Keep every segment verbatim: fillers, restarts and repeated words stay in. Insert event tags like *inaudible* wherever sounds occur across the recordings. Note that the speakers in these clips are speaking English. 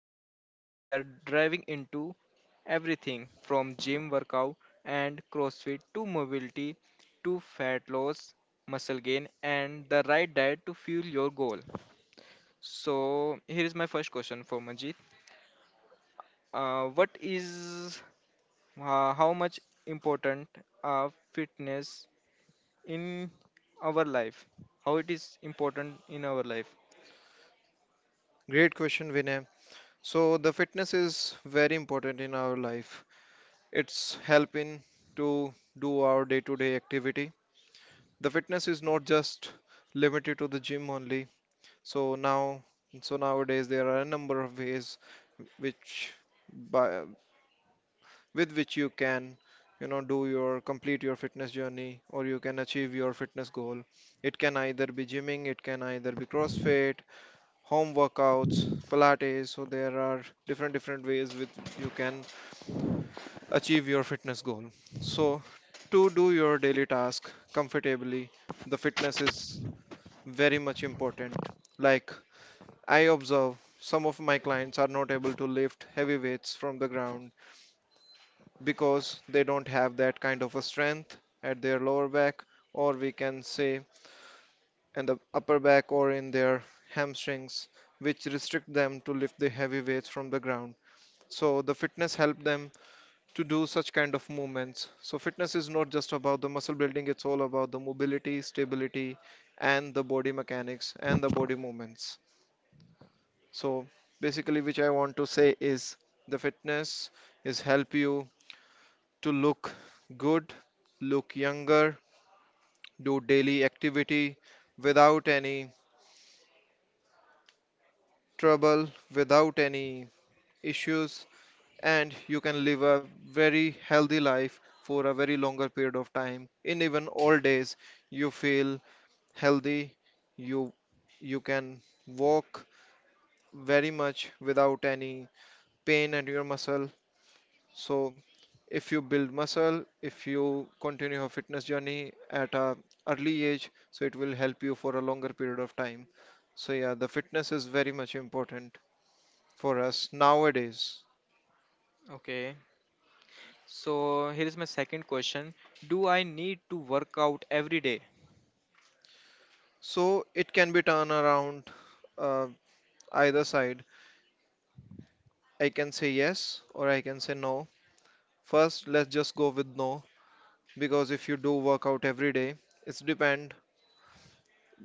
this episode we are diving into everything from gym workout and CrossFit to mobility to fat loss, muscle gain and the right diet to fuel your goal. So here is my first question for Manjeet. Uh, what is uh, how much important uh, fitness in our life how it is important in our life? Great question, Vinay. So the fitness is very important in our life. It's helping to do our day-to-day activity. The fitness is not just limited to the gym only. So now, so nowadays there are a number of ways which by, with which you can, you know, do your complete your fitness journey or you can achieve your fitness goal. It can either be gymming, it can either be CrossFit, home workouts, Pilates. So there are different different ways with you can achieve your fitness goal. So to do your daily task comfortably, the fitness is very much important. Like I observe some of my clients are not able to lift heavy weights from the ground because they don't have that kind of a strength at their lower back, or we can say in the upper back or in their hamstrings, which restrict them to lift the heavy weights from the ground. So the fitness help them to do such kind of movements. So fitness is not just about the muscle building, it's all about the mobility, stability, and the body mechanics and the body movements. So basically, which I want to say is the fitness is help you to look good, look younger, do daily activity without any trouble, without any issues, and you can live a very healthy life for a very longer period of time. In even old days, you feel healthy, you you can walk very much without any pain at your muscle. So if you build muscle, if you continue your fitness journey at a early age, so it will help you for a longer period of time. So yeah, the fitness is very much important for us nowadays. Okay. So here is my second question. Do I need to work out every day? So it can be turned around uh, either side. I can say yes or I can say no. First, let's just go with no because if you do workout every day, it's depend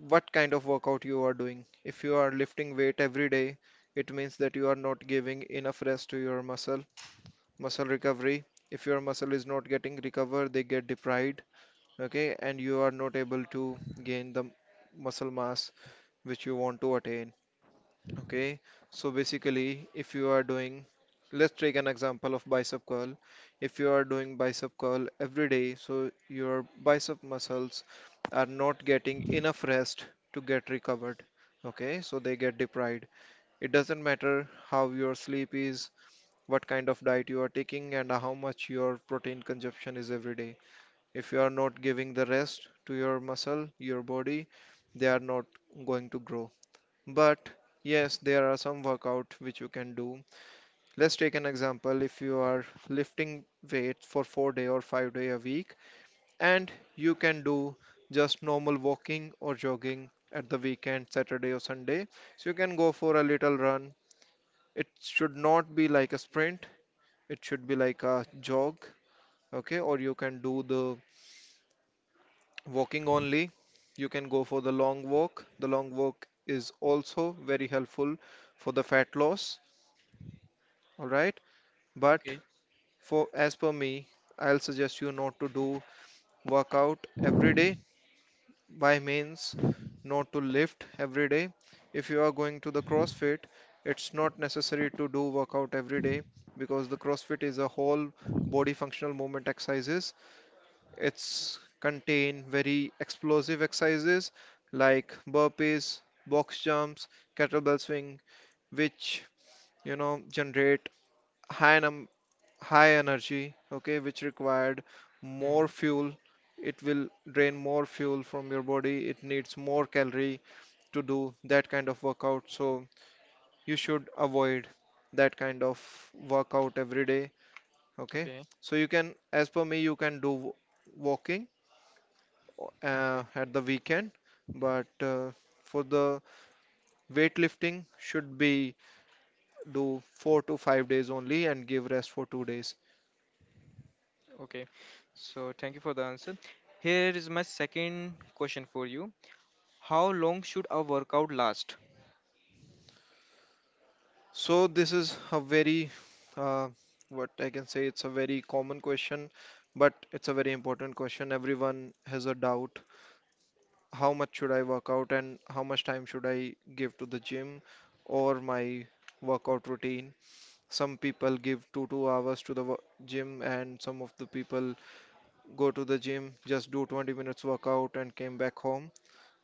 what kind of workout you are doing. If you are lifting weight every day, it means that you are not giving enough rest to your muscle, muscle recovery. If your muscle is not getting recovered, they get deprived, okay, and you are not able to gain the muscle mass which you want to attain. Okay, so basically, if you are doing, let's take an example of bicep curl. If you are doing bicep curl every day, so your bicep muscles are not getting enough rest to get recovered. Okay, so they get deprived. It doesn't matter how your sleep is, what kind of diet you are taking, and how much your protein consumption is every day. If you are not giving the rest to your muscle, your body, they are not going to grow, but yes, there are some workout which you can do. Let's take an example. If you are lifting weight for four day or five day a week, and you can do just normal walking or jogging at the weekend, Saturday or Sunday. So you can go for a little run. It should not be like a sprint. It should be like a jog. Okay, or you can do the walking only. You can go for the long walk. The long walk is also very helpful for the fat loss. Alright, but Okay. for as per me, I'll suggest you not to do workout every day, by means not to lift every day. If you are going to the CrossFit, it's not necessary to do workout every day because the CrossFit is a whole body functional movement exercises. It's contain very explosive exercises like burpees, box jumps, kettlebell swing, which you know generate high num high energy, okay, which required more Hmm. fuel. It will drain more fuel from your body. It needs more calorie to do that kind of workout. So you should avoid that kind of workout every day, okay? Okay. So you can, as per me, you can do w- walking uh, Okay. at the weekend, but uh, for the weightlifting should be do four to five days only and give rest for two days. Okay. So thank you for the answer. Here is my second question for you. How long should a workout last? So this is a very, uh, what I can say, it's a very common question, but it's a very important question. Everyone has a doubt. How much should I work out and how much time should I give to the gym or my workout routine? Some people give two two hours to the wo- gym, and some of the people go to the gym, just do twenty minutes workout and came back home.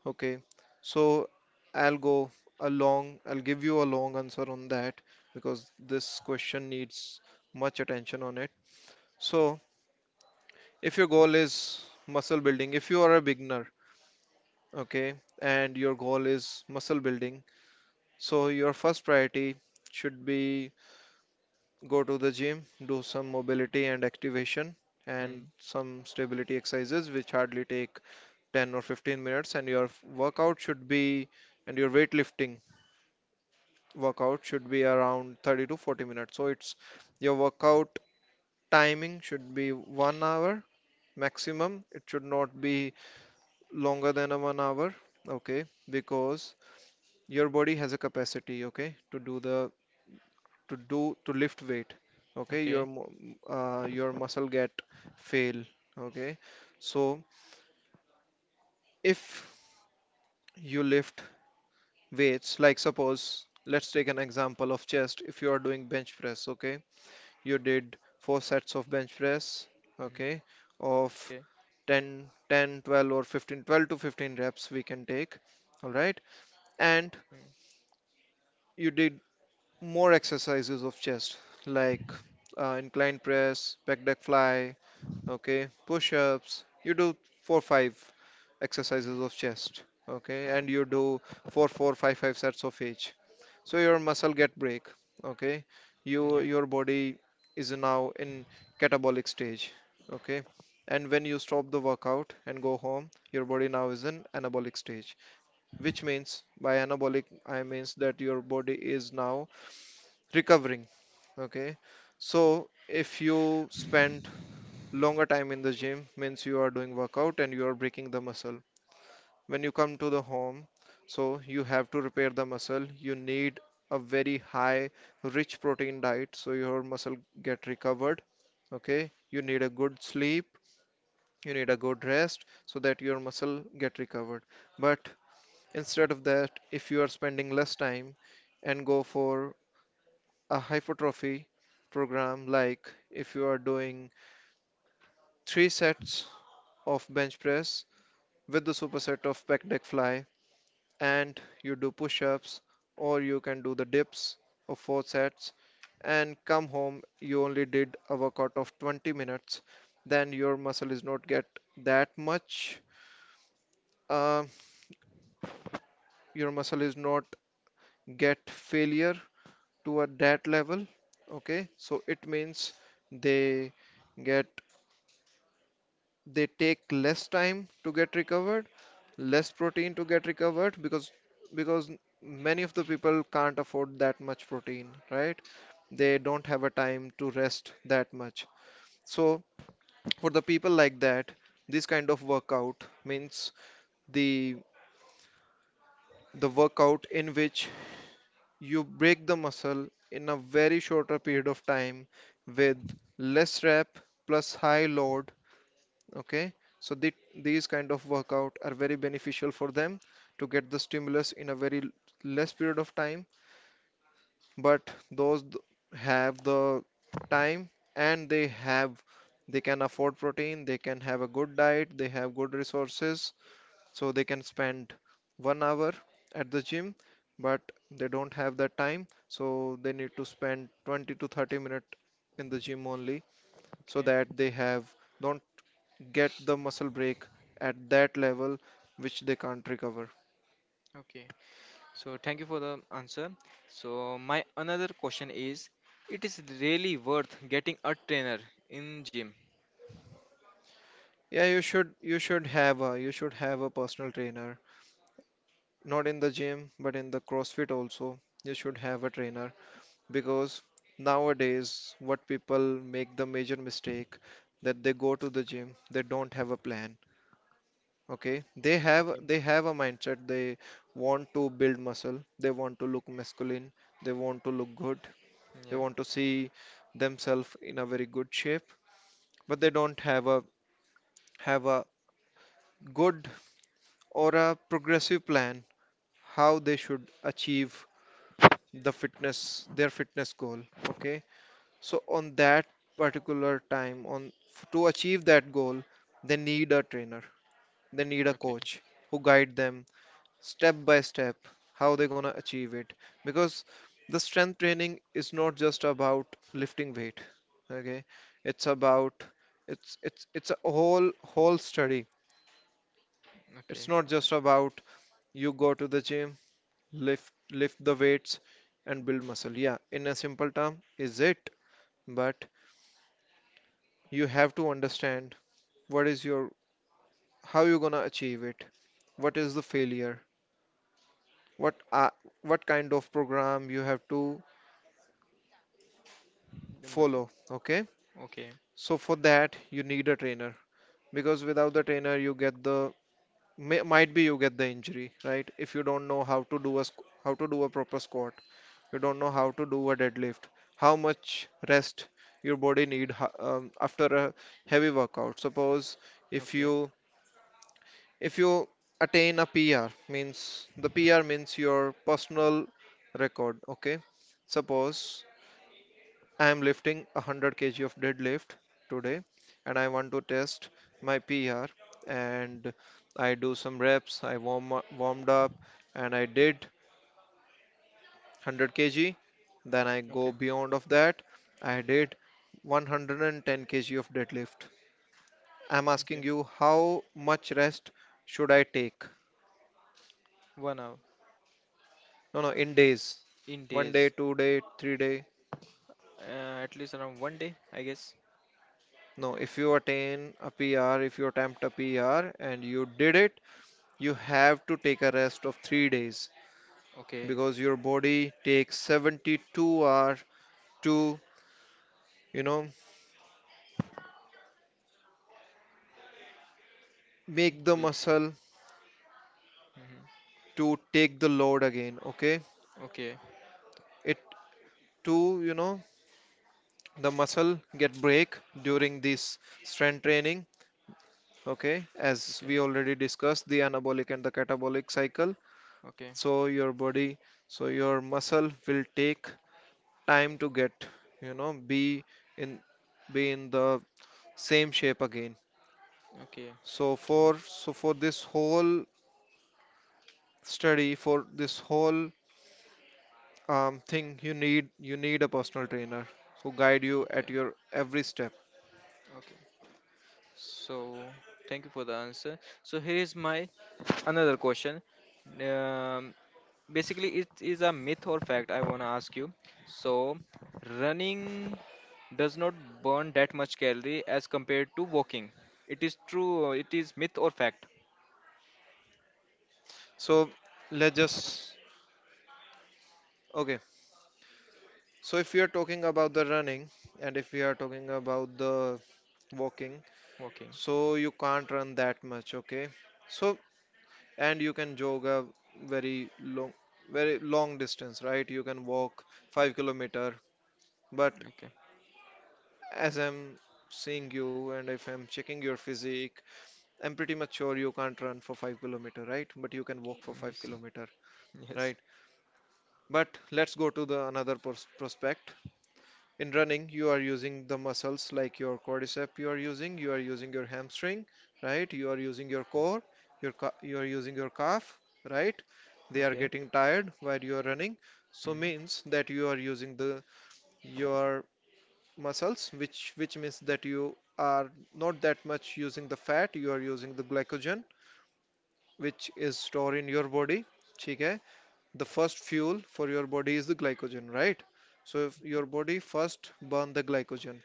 Okay, so I'll go a long, I'll give you a long answer on that because this question needs much attention on it. So, if your goal is muscle building, if you are a beginner, okay, and your goal is muscle building, so your first priority should be go to the gym, do some mobility and activation and Hmm. some stability exercises which hardly take ten or fifteen minutes, and your workout should be and your weightlifting workout should be around thirty to forty minutes. So it's your workout timing should be one hour maximum. It should not be longer than a one hour, okay? Because your body has a capacity, okay, to do the to do to lift weight, okay? Okay. Your mu- uh, your muscle get fail, okay? So if you lift weights, like suppose let's take an example of chest. If you are doing bench press, okay? You did four sets of bench press, Hmm. okay, of Okay. ten, ten, twelve or fifteen, twelve to fifteen reps we can take, all right. And Hmm. you did more exercises of chest like uh, incline press, back deck fly, okay, push-ups. You do four five exercises of chest, okay, and you do four four five five sets of each. So your muscle get break, okay. Hmm. you Yeah. your body is now in catabolic stage, okay, and when you stop the workout and go home, your body now is in anabolic stage. Which means by anabolic I means that your body is now recovering, okay. So if you spend longer time in the gym, means you are doing workout and you are breaking the muscle. When you come to the home, so you have to repair the muscle. You need a very high rich protein diet so your muscle get recovered, okay. You need a good sleep, you need a good rest so that your muscle get recovered. But instead of that, if you are spending less time and go for a hypertrophy program, like if you are doing three sets of bench press with the superset of pec deck fly, and you do push ups or you can do the dips of four sets and come home, you only did a workout of twenty minutes. Then your muscle is not get that much, uh, your muscle is not get failure to at that level, okay. So it means they get they take less time to get recovered, less protein to get recovered, because because many of the people can't afford that much protein, right? They don't have a time to rest that much. So for the people like that, this kind of workout means the the workout in which you break the muscle in a very shorter period of time with less rep plus high load, okay. So the, these kind of workout are very beneficial for them to get the stimulus in a very l- less period of time. But those th- have the time, and they have they can afford protein, they can have a good diet, they have good resources, so they can spend one hour at the gym. But they don't have that time, so they need to spend twenty to thirty minutes in the gym only, so Okay. that they have don't get the muscle break at that level which they can't recover. Okay. So thank you for the answer. So my another question is, it is really worth getting a trainer in gym. Yeah, you should you should have a you should have a personal trainer. Not in the gym, but in the CrossFit also. You should have a trainer because nowadays what people make the major mistake that they go to the gym, they don't have a plan. Okay? They have Okay. they have a mindset. They want to build muscle, they want to look masculine, they want to look good, they Yeah. want to see themselves in a very good shape, but they don't have a have a good or a progressive plan how they should achieve the fitness their fitness goal, okay. So on that particular time, on f- to achieve that goal, they need a trainer, they need a Okay. coach who guide them step by step how they're going to achieve it. Because the strength training is not just about lifting weight, okay. It's about it's it's it's a whole whole study. It's Okay. not just about you go to the gym, lift lift the weights and build muscle. Yeah, in a simple term is it, but you have to understand what is your how you're gonna achieve it. What is the failure? What are, what kind of program you have to Then but- follow, okay? Okay. So for that you need a trainer because without the trainer you get the may, might be you get the injury, right? If you don't know how to do a squ- how to do a proper squat, you don't know how to do a deadlift, how much rest your body need ho- um, after a heavy workout. Suppose if Okay. you if you attain a pr, means the pr means your personal record, okay? Suppose I am lifting hundred kg of deadlift today and I want to test my pr, and I do some reps, I warm up, warmed up, and I did hundred kg. Then I Okay. go beyond of that, I did one hundred and ten kilograms of deadlift. I'm Okay. asking you how much rest should I take? One hour. No, no, in days. In One day, days. two day, three day? Uh, at least around one day, I guess. No, if you attain a pr if you attempt a pr and you did it, you have to take a rest of three days Okay. because your body takes seventy-two hours to you know make the Big. muscle, Mm-hmm. to take the load again, okay? Okay. it to you know The muscle get break during this strength training, okay? As Okay. we already discussed, the anabolic and the catabolic cycle. Okay. so your body so your muscle will take time to get you know be in be in the same shape again. Okay. So for so for this whole study, for this whole um, thing, you need you need a personal trainer who guide you Okay. at your every step. Okay. So thank you for the answer. So here is my another question. Um, Basically it is a myth or fact I want to ask you. So running does not burn that much calorie as compared to walking. It is true, it is myth or fact? So, let's just okay. So if we are talking about the running and if we are talking about the walking, Walking. so you can't run that much, okay? So, and you can jog a very long, very long distance, right? You can walk five kilometer, but Okay. as I'm seeing you and if I'm checking your physique, I'm pretty much sure you can't run for five kilometer, right? But you can walk for 5 Yes. kilometer, Yes. right? But let's go to the another pros prospect. In running, you are using the muscles like your quadriceps. You are using, you are using your hamstring, right, you are using your core, your you are using your calf, right, they are Okay. getting tired while you are running. So Hmm. means that you are using the, your muscles, which which means that you are not that much using the fat, you are using the glycogen which is stored in your body. Okay, the first fuel for your body is the glycogen, right? So if Okay. your body first burn the glycogen,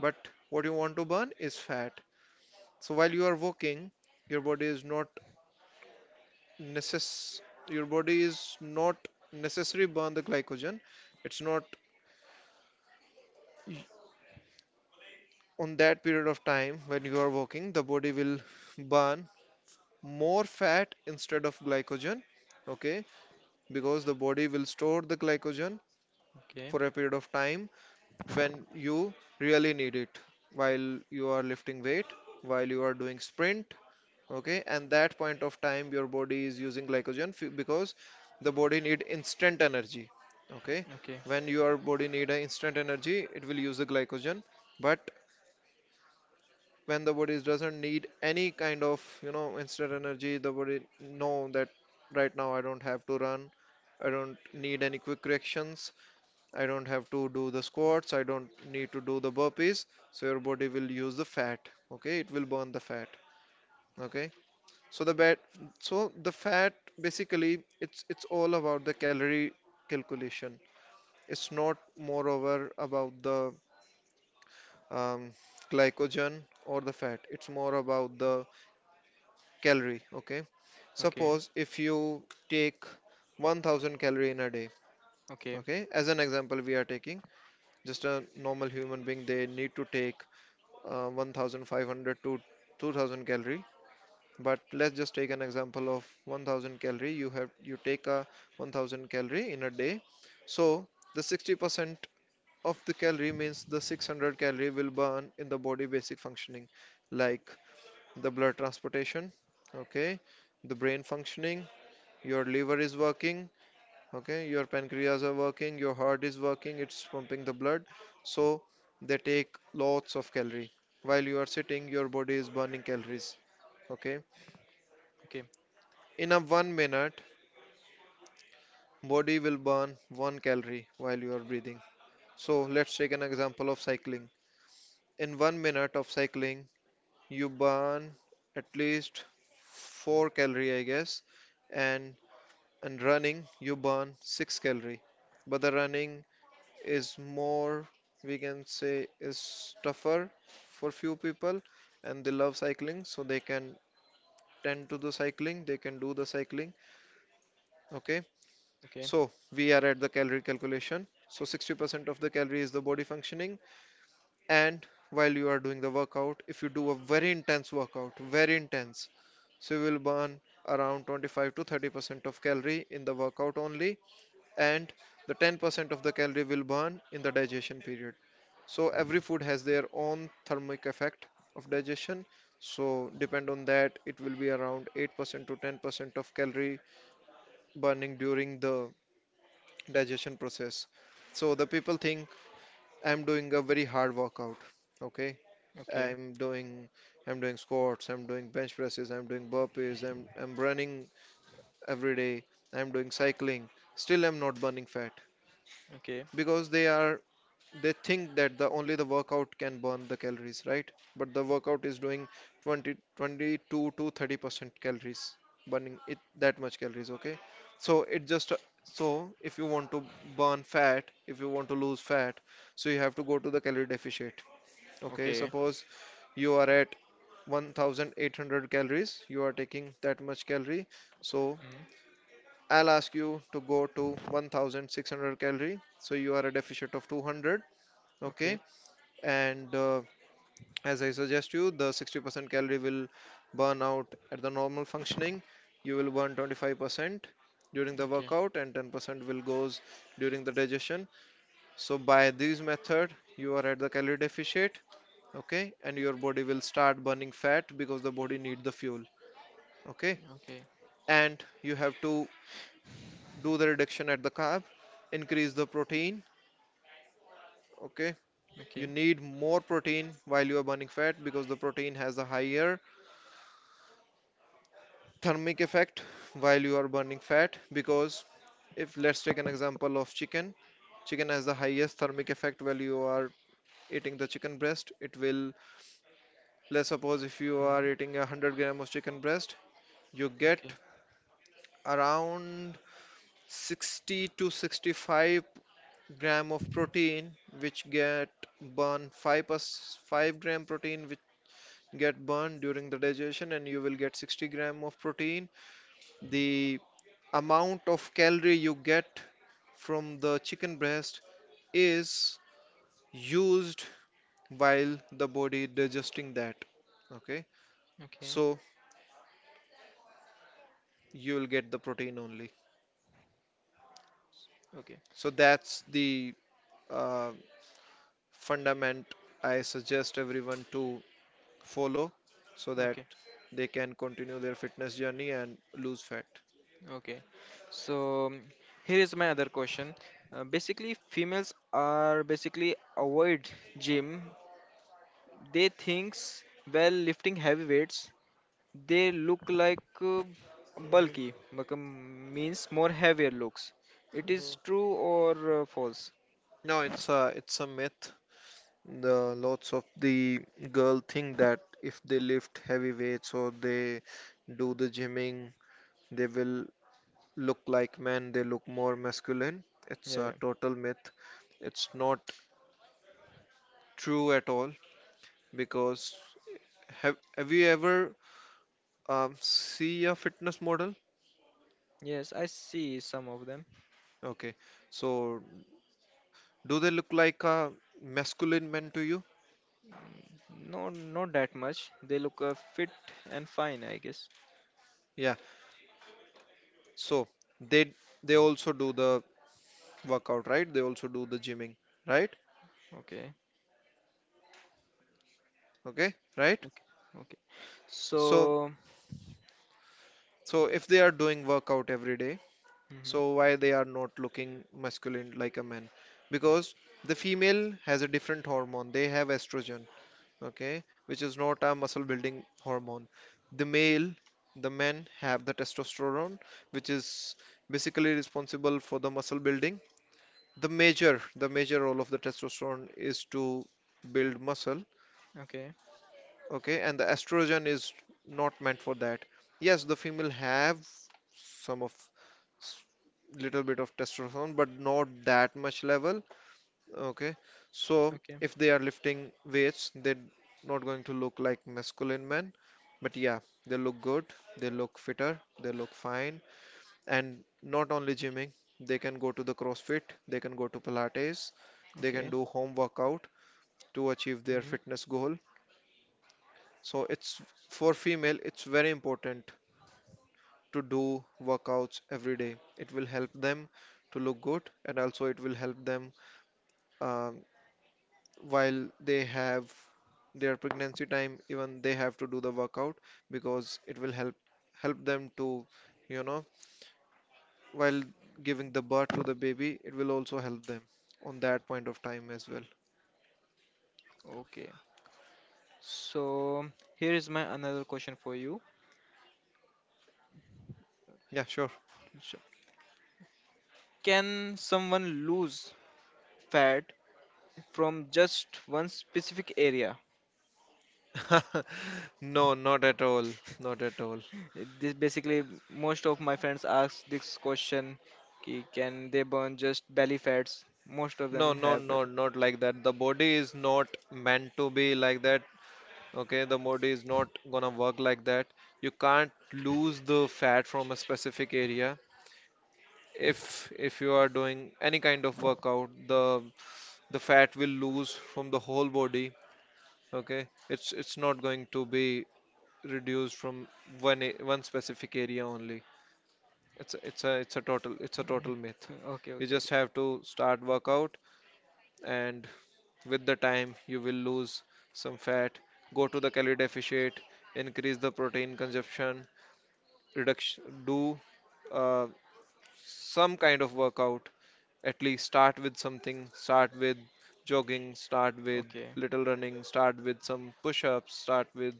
but what you want to burn is fat. So while you are walking, your body is not necess your body is not necessary burn the glycogen. It's not, on that period of time when you are walking, the body will *laughs* burn more fat instead of glycogen, okay? Because the body will store the glycogen Okay. for a period of time when you really need it, while you are lifting weight, while you are doing sprint, okay? And that point of time, your body is using glycogen f- because the body need instant energy, okay? Okay. When your body need a instant energy, it will use the glycogen. But when the body doesn't need any kind of you know instant energy, the body know that right now I don't have to run, I don't need any quick reactions, I don't have to do the squats, I don't need to do the burpees. So your body will use the fat, okay, it will burn the fat, okay? so the bad, so the fat, basically, it's it's all about the calorie calculation. It's not moreover about the um, glycogen or the fat. It's more about the calorie. Okay. Okay. Suppose if you take one thousand calorie in a day. Okay. Okay, as an example, we are taking just a normal human being, they need to take uh, one thousand five hundred to two thousand calorie, but let's just take an example of one thousand calorie. You have you take a one thousand calorie in a day, so the sixty percent of the calorie means the six hundred calorie will burn in the body basic functioning, like the blood transportation, okay, the brain functioning, your liver is working, okay, your pancreas are working, your heart is working, it's pumping the blood. So they take lots of calorie. While you are sitting, your body is burning calories, okay? Okay. In a one minute, body will burn one calorie while you are breathing. So let's take an example of cycling. In one minute of cycling, you burn at least four calorie, I guess, and and running, you burn six calorie. But the running is more, we can say, is tougher for few people, and they love cycling, so they can tend to the cycling, they can do the cycling. Okay. Okay. So we are at the calorie calculation. So sixty percent of the calorie is the body functioning. And while you are doing the workout, if you do a very intense workout, very intense, so you will burn around twenty-five to thirty percent of calorie in the workout only, and the ten percent of the calorie will burn in the digestion period. So every food has their own thermic effect of digestion. So depend on that, it will be around eight percent to ten percent of calorie burning during the digestion process. So the people think, I'm doing a very hard workout. Okay, Okay. I'm doing I'm doing squats, I'm doing bench presses, I'm doing burpees, I'm I'm running every day, I'm doing cycling. Still, I'm not burning fat Okay. because they are they think that the only the workout can burn the calories, right? But the workout is doing twenty, twenty-two to thirty percent calories, burning it that much calories, okay? So it just So if you want to burn fat, if you want to lose fat, so you have to go to the calorie deficit, okay? Okay. Suppose you are at one thousand eight hundred calories, you are taking that much calorie, so Hmm. I'll ask you to go to one thousand six hundred calorie, so you are a deficit of two hundred, okay? Okay. And uh, as I suggest you, the sixty percent calorie will burn out at the normal functioning, you will burn twenty-five percent during the Okay. workout, and ten percent will goes during the digestion. So by this method, you are at the calorie deficit, okay, and your body will start burning fat because the body need the fuel, okay? Okay. Okay. And you have to do the reduction at the carb, increase the protein, okay? You Hmm. need more protein while you are burning fat because the protein has a higher thermic effect while you are burning fat because if let's take an example of chicken, chicken has the highest thermic effect. While you are eating the chicken breast, it will let's suppose if you are eating a one hundred gram of chicken breast, you get Okay. around sixty to sixty-five gram of protein, which get burned, five plus five gram protein which get burned during the digestion, and you will get sixty gram of protein. The amount of calorie you get from the chicken breast is used while the body digesting that, okay? Okay. So you'll get the protein only. Okay. So that's the uh, fundament I suggest everyone to follow so that Okay. they can continue their fitness journey and lose fat. Okay, so mm, here is my other question. Uh, basically, females are basically avoid gym. They thinks while lifting heavy weights, they look like uh, Mhm, bulky, become means more heavier looks. It is mhm. true or uh, false? No, it's a it's a myth. The lots of the girl think that if they lift heavy weights or they do the gymming, they will look like men, they look more masculine. It's Yeah, yeah. a total myth. It's not true at all because have have you ever um, see a fitness model? Yes, I see some of them. Okay, so do they look like a masculine man to you? No, not that much. They look uh, fit and fine, I guess. Yeah. So they they also do the workout, right? They also do the gymming, right? Okay, Okay, right. okay, okay. so So, so if they are doing workout every day, mhm, so why they are not looking masculine like a man? Because the female has a different hormone, they have estrogen, okay, which is not a muscle building hormone. the male the men have the testosterone which is basically responsible for the muscle building. The major the major role of the testosterone is to build muscle. okay, Okay, and the estrogen is not meant for that. Yes, the female have some of s- little bit of testosterone, but not that much level. Okay, so okay. if they are lifting weights, they're not going to look like masculine men, but yeah, they look good, they look fitter, they look fine. And not only gymming, they can go to the CrossFit, they can go to Pilates, they can Okay. do home workout to achieve their Mhm. fitness goal. So, it's for female, it's very important to do workouts every day. It will help them to look good, and also it will help them um, while they have their pregnancy time. Even they have to do the workout because it will help help them to, you know, while giving the birth to the baby, it will also help them on that point of time as well. Okay. So here is my another question for you. Yeah, sure. *laughs* So, can someone lose fat from just one specific area? No, not at all. Not at all. This basically most of my friends ask this question. कि Can they burn just belly fats? Most of No, them no, have that. no, not like that. The body is not meant to be like that. Okay, the body is not gonna work like that. You can't lose the fat from a specific area. If if you are doing any kind of workout, the the fat will lose from the whole body. Okay, it's it's not going to be reduced from one a- one specific area only. It's a, it's a it's a total it's a total myth. *laughs* Okay, You okay, just okay. have to start workout and with the time, you will lose some fat, go to the calorie deficit, increase the protein consumption, reduction, do uh, some kind of workout. At least start with something, start with jogging, start with Okay, little running, start with some push ups, start with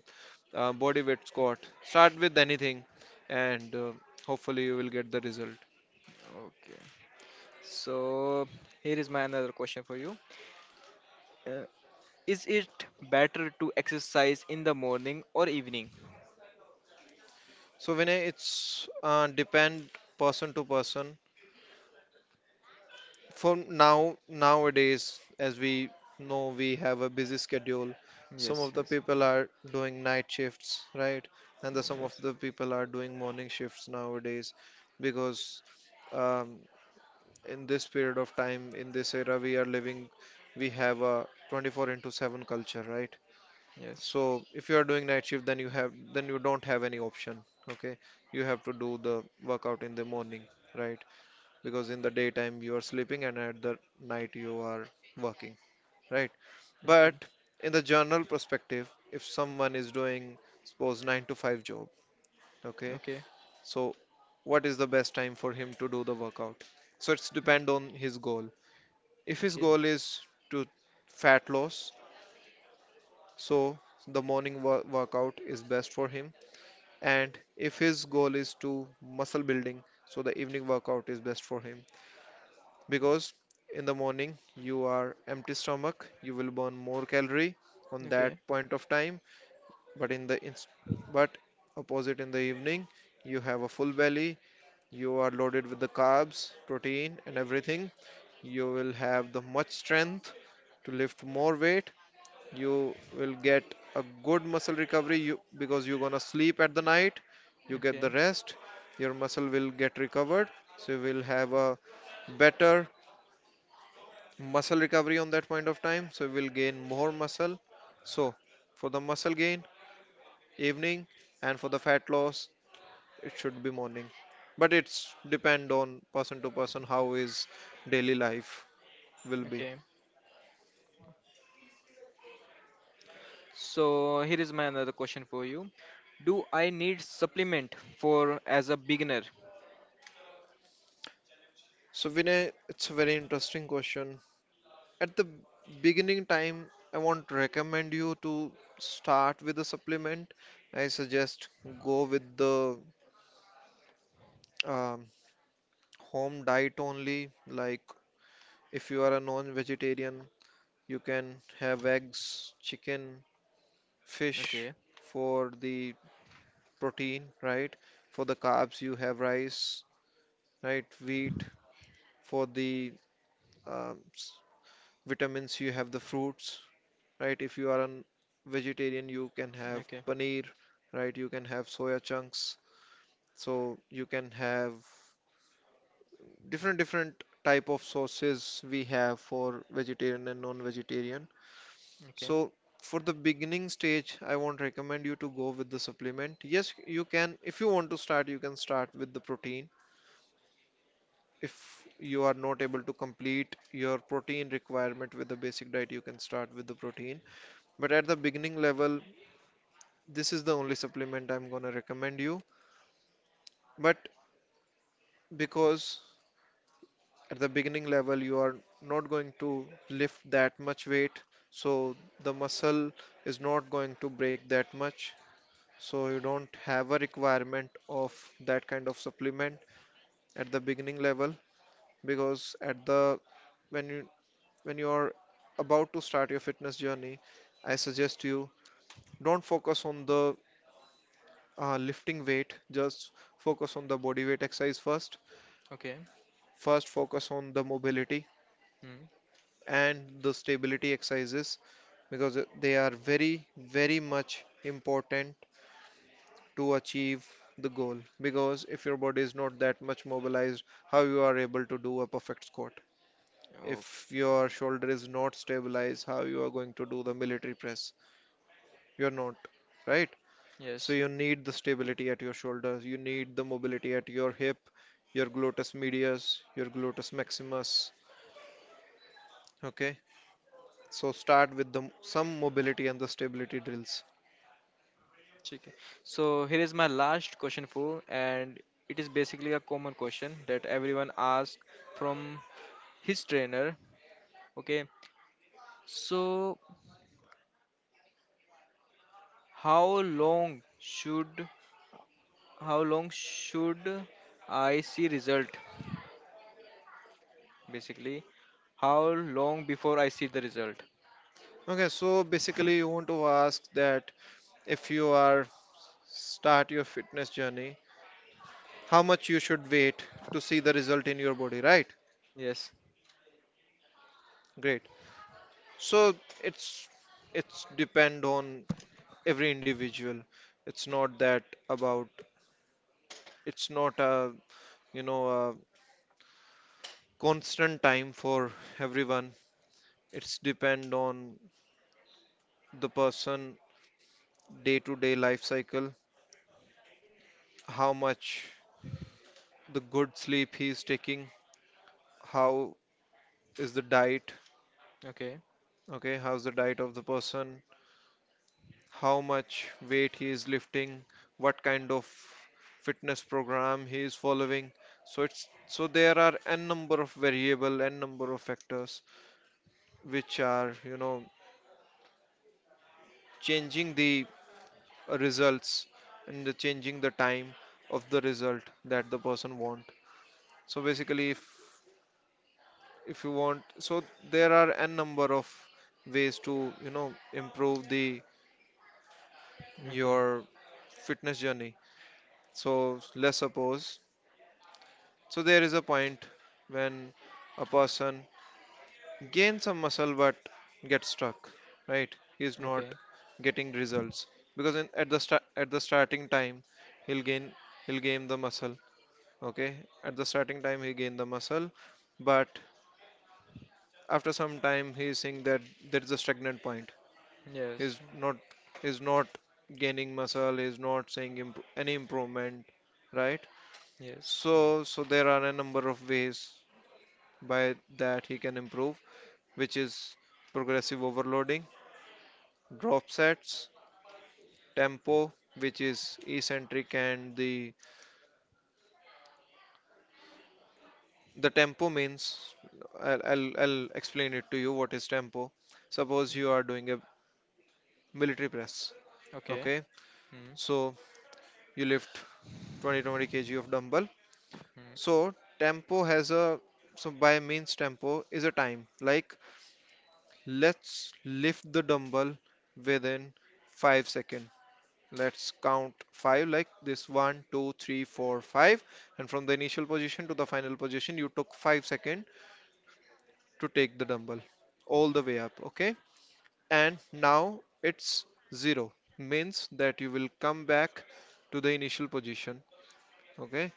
uh, body weight squat, start with anything, and uh, hopefully, you will get the result. okay. So here is my another question for you. Uh, is it better to exercise in the morning or evening? So Vinay, it's uh, depend person to person for now nowadays as we know we have a busy schedule, some Yes, of the yes, people are doing night shifts, right? And the some of yes, the people are doing morning shifts nowadays because um, in this period of time, in this era we are living, we have a twenty-four into seven culture, right? yes. So if you are doing night shift, then you have, then you don't have any option. Okay, you have to do the workout in the morning, right? Because in the daytime you are sleeping and at the night you are working, right? Okay, But in the general perspective, if someone is doing suppose nine to five job, okay? okay, So what is the best time for him to do the workout? So it's depend on his goal. If his okay, goal is to fat loss, so the morning wo- workout is best for him. And if his goal is to muscle building, so the evening workout is best for him. Because in the morning you are empty stomach, you will burn more calorie on that okay, point of time. But in the inst- but opposite in the evening, you have a full belly, you are loaded with the carbs, protein and everything. You will have the much strength to lift more weight. You will get a good muscle recovery you because you're gonna sleep at the night, you get okay, the rest, your muscle will get recovered, so you will have a better muscle recovery on that point of time, so we'll gain more muscle. So for the muscle gain, evening, and for the fat loss, it should be morning. But it's depend on person to person, how his daily life will be. okay. So here is my another question for you. Do I need supplement for as a beginner? So Vinay, it's a very interesting question. At the beginning time, I want to recommend you to start with a supplement. I suggest go with the um, home diet only. Like if you are a non-vegetarian, you can have eggs, chicken, fish Okay, for the protein, right? For the carbs, you have rice, right? Wheat for the um, s- vitamins, you have the fruits, right? If you are a vegetarian, you can have okay, paneer, right? You can have soya chunks. So you can have different different type of sauces we have for vegetarian and non-vegetarian. okay, So for the beginning stage, I won't recommend you to go with the supplement. Yes, you can, if you want to start, you can start with the protein. If you are not able to complete your protein requirement with the basic diet, you can start with the protein. But at the beginning level, this is the only supplement I'm going to recommend you. But because at the beginning level, you are not going to lift that much weight, so the muscle is not going to break that much, so you don't have a requirement of that kind of supplement at the beginning level. Because at the, when you, when you are about to start your fitness journey, I suggest you don't focus on the uh, lifting weight, just focus on the body weight exercise first. okay. First focus on the mobility Hmm. and the stability exercises because they are very very much important to achieve the goal. Because if your body is not that much mobilized, how you are able to do a perfect squat? Oh, If your shoulder is not stabilized, how you are going to do the military press? You're not, right? So yes. you need the stability at your shoulders, you need the mobility at your hip, your gluteus medius, your gluteus maximus, okay? So start with the some mobility and the stability drills. Okay. So here is my last question for, and it is basically a common question that everyone asks from his trainer. Okay. So how long should how long should I see result? Basically, how long before I see the result? Okay, so basically you want to ask that, if you are start your fitness journey, how much you should wait to see the result in your body, right? Yes. Great. So it's it's depend on every individual. It's not that about, it's not a, you know, a constant time for everyone. It's depend on the person day to day life cycle, how much the good sleep he is taking, how is the diet, Okay. okay, how's the diet of the person, how much weight he is lifting, what kind of fitness program he is following. So it's, so there are n number of variable, n number of factors which are, you know, changing the uh, results and the changing the time of the result that the person want. So basically, if if you want, so there are n number of ways to, you know, improve the Okay. your fitness journey. So let's suppose, so there is a point when a person gains some muscle but gets stuck, right? He's Okay. not getting results because in, at the sta- at the starting time he'll gain he'll gain the muscle. Okay, at the starting time he gained the muscle, but after some time he is seeing that there is a stagnant point. Yes. He's not he's not gaining muscle. He's not seeing imp- any improvement, right? Yes. So so there are a number of ways by that he can improve, which is progressive overloading, drop sets, tempo, which is eccentric, and the the tempo means I'll, I'll, I'll explain it to you what is tempo. Suppose you are doing a military press, Okay. okay? Hmm. So you lift twenty to twenty kg of dumbbell. Hmm. So tempo has a, so by means tempo is a time, like let's lift the dumbbell within five seconds. Let's count five like this, one, two, three, four, five. And from the initial position to the final position, you took five seconds to take the dumbbell all the way up. Okay. And now it's zero, means that you will come back to the initial position. Okay.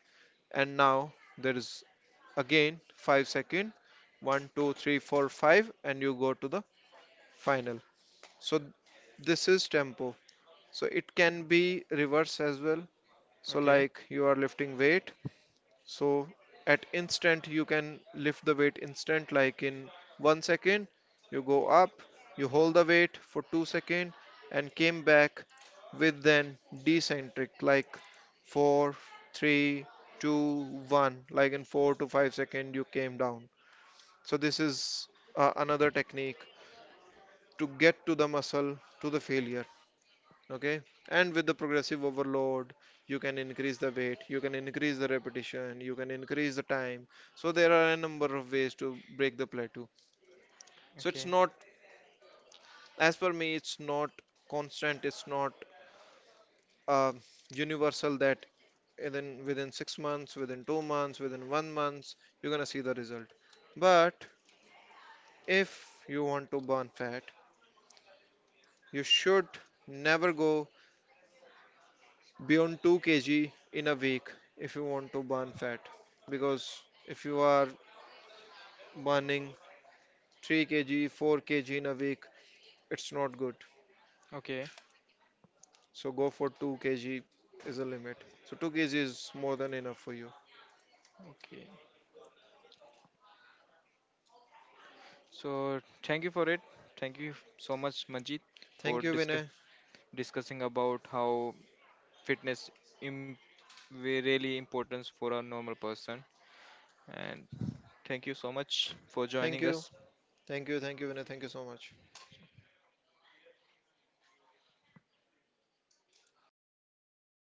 And now there is again five second, one, two, three, four, five, and you go to the final. So this is tempo. So it can be reverse as well. So Okay. like you are lifting weight, so at instant you can lift the weight instant, like in one second you go up, you hold the weight for two second and came back with then decentric, like four three two one, like in four to five second you came down. So this is uh, another technique to get to the muscle to the failure, okay? And with the progressive overload, you can increase the weight, you can increase the repetition, you can increase the time. So there are a number of ways to break the plateau. So it's Okay. not, as per me, it's not constant, it's not uh, universal that within within six months, within two months, within one month you're gonna see the result. But if you want to burn fat, you should never go beyond two kg in a week if you want to burn fat. Because if you are burning three kg four kg in a week, it's not good. Okay. So go for two kg is a limit. So two kg is more than enough for you. Okay. So thank you for it. Thank you so much, Manjit, for Thank you, discuss Vinay. discussing about how fitness im- really importance for a normal person. And thank you so much for thank joining you us. thank you thank you Vinay, thank you so much.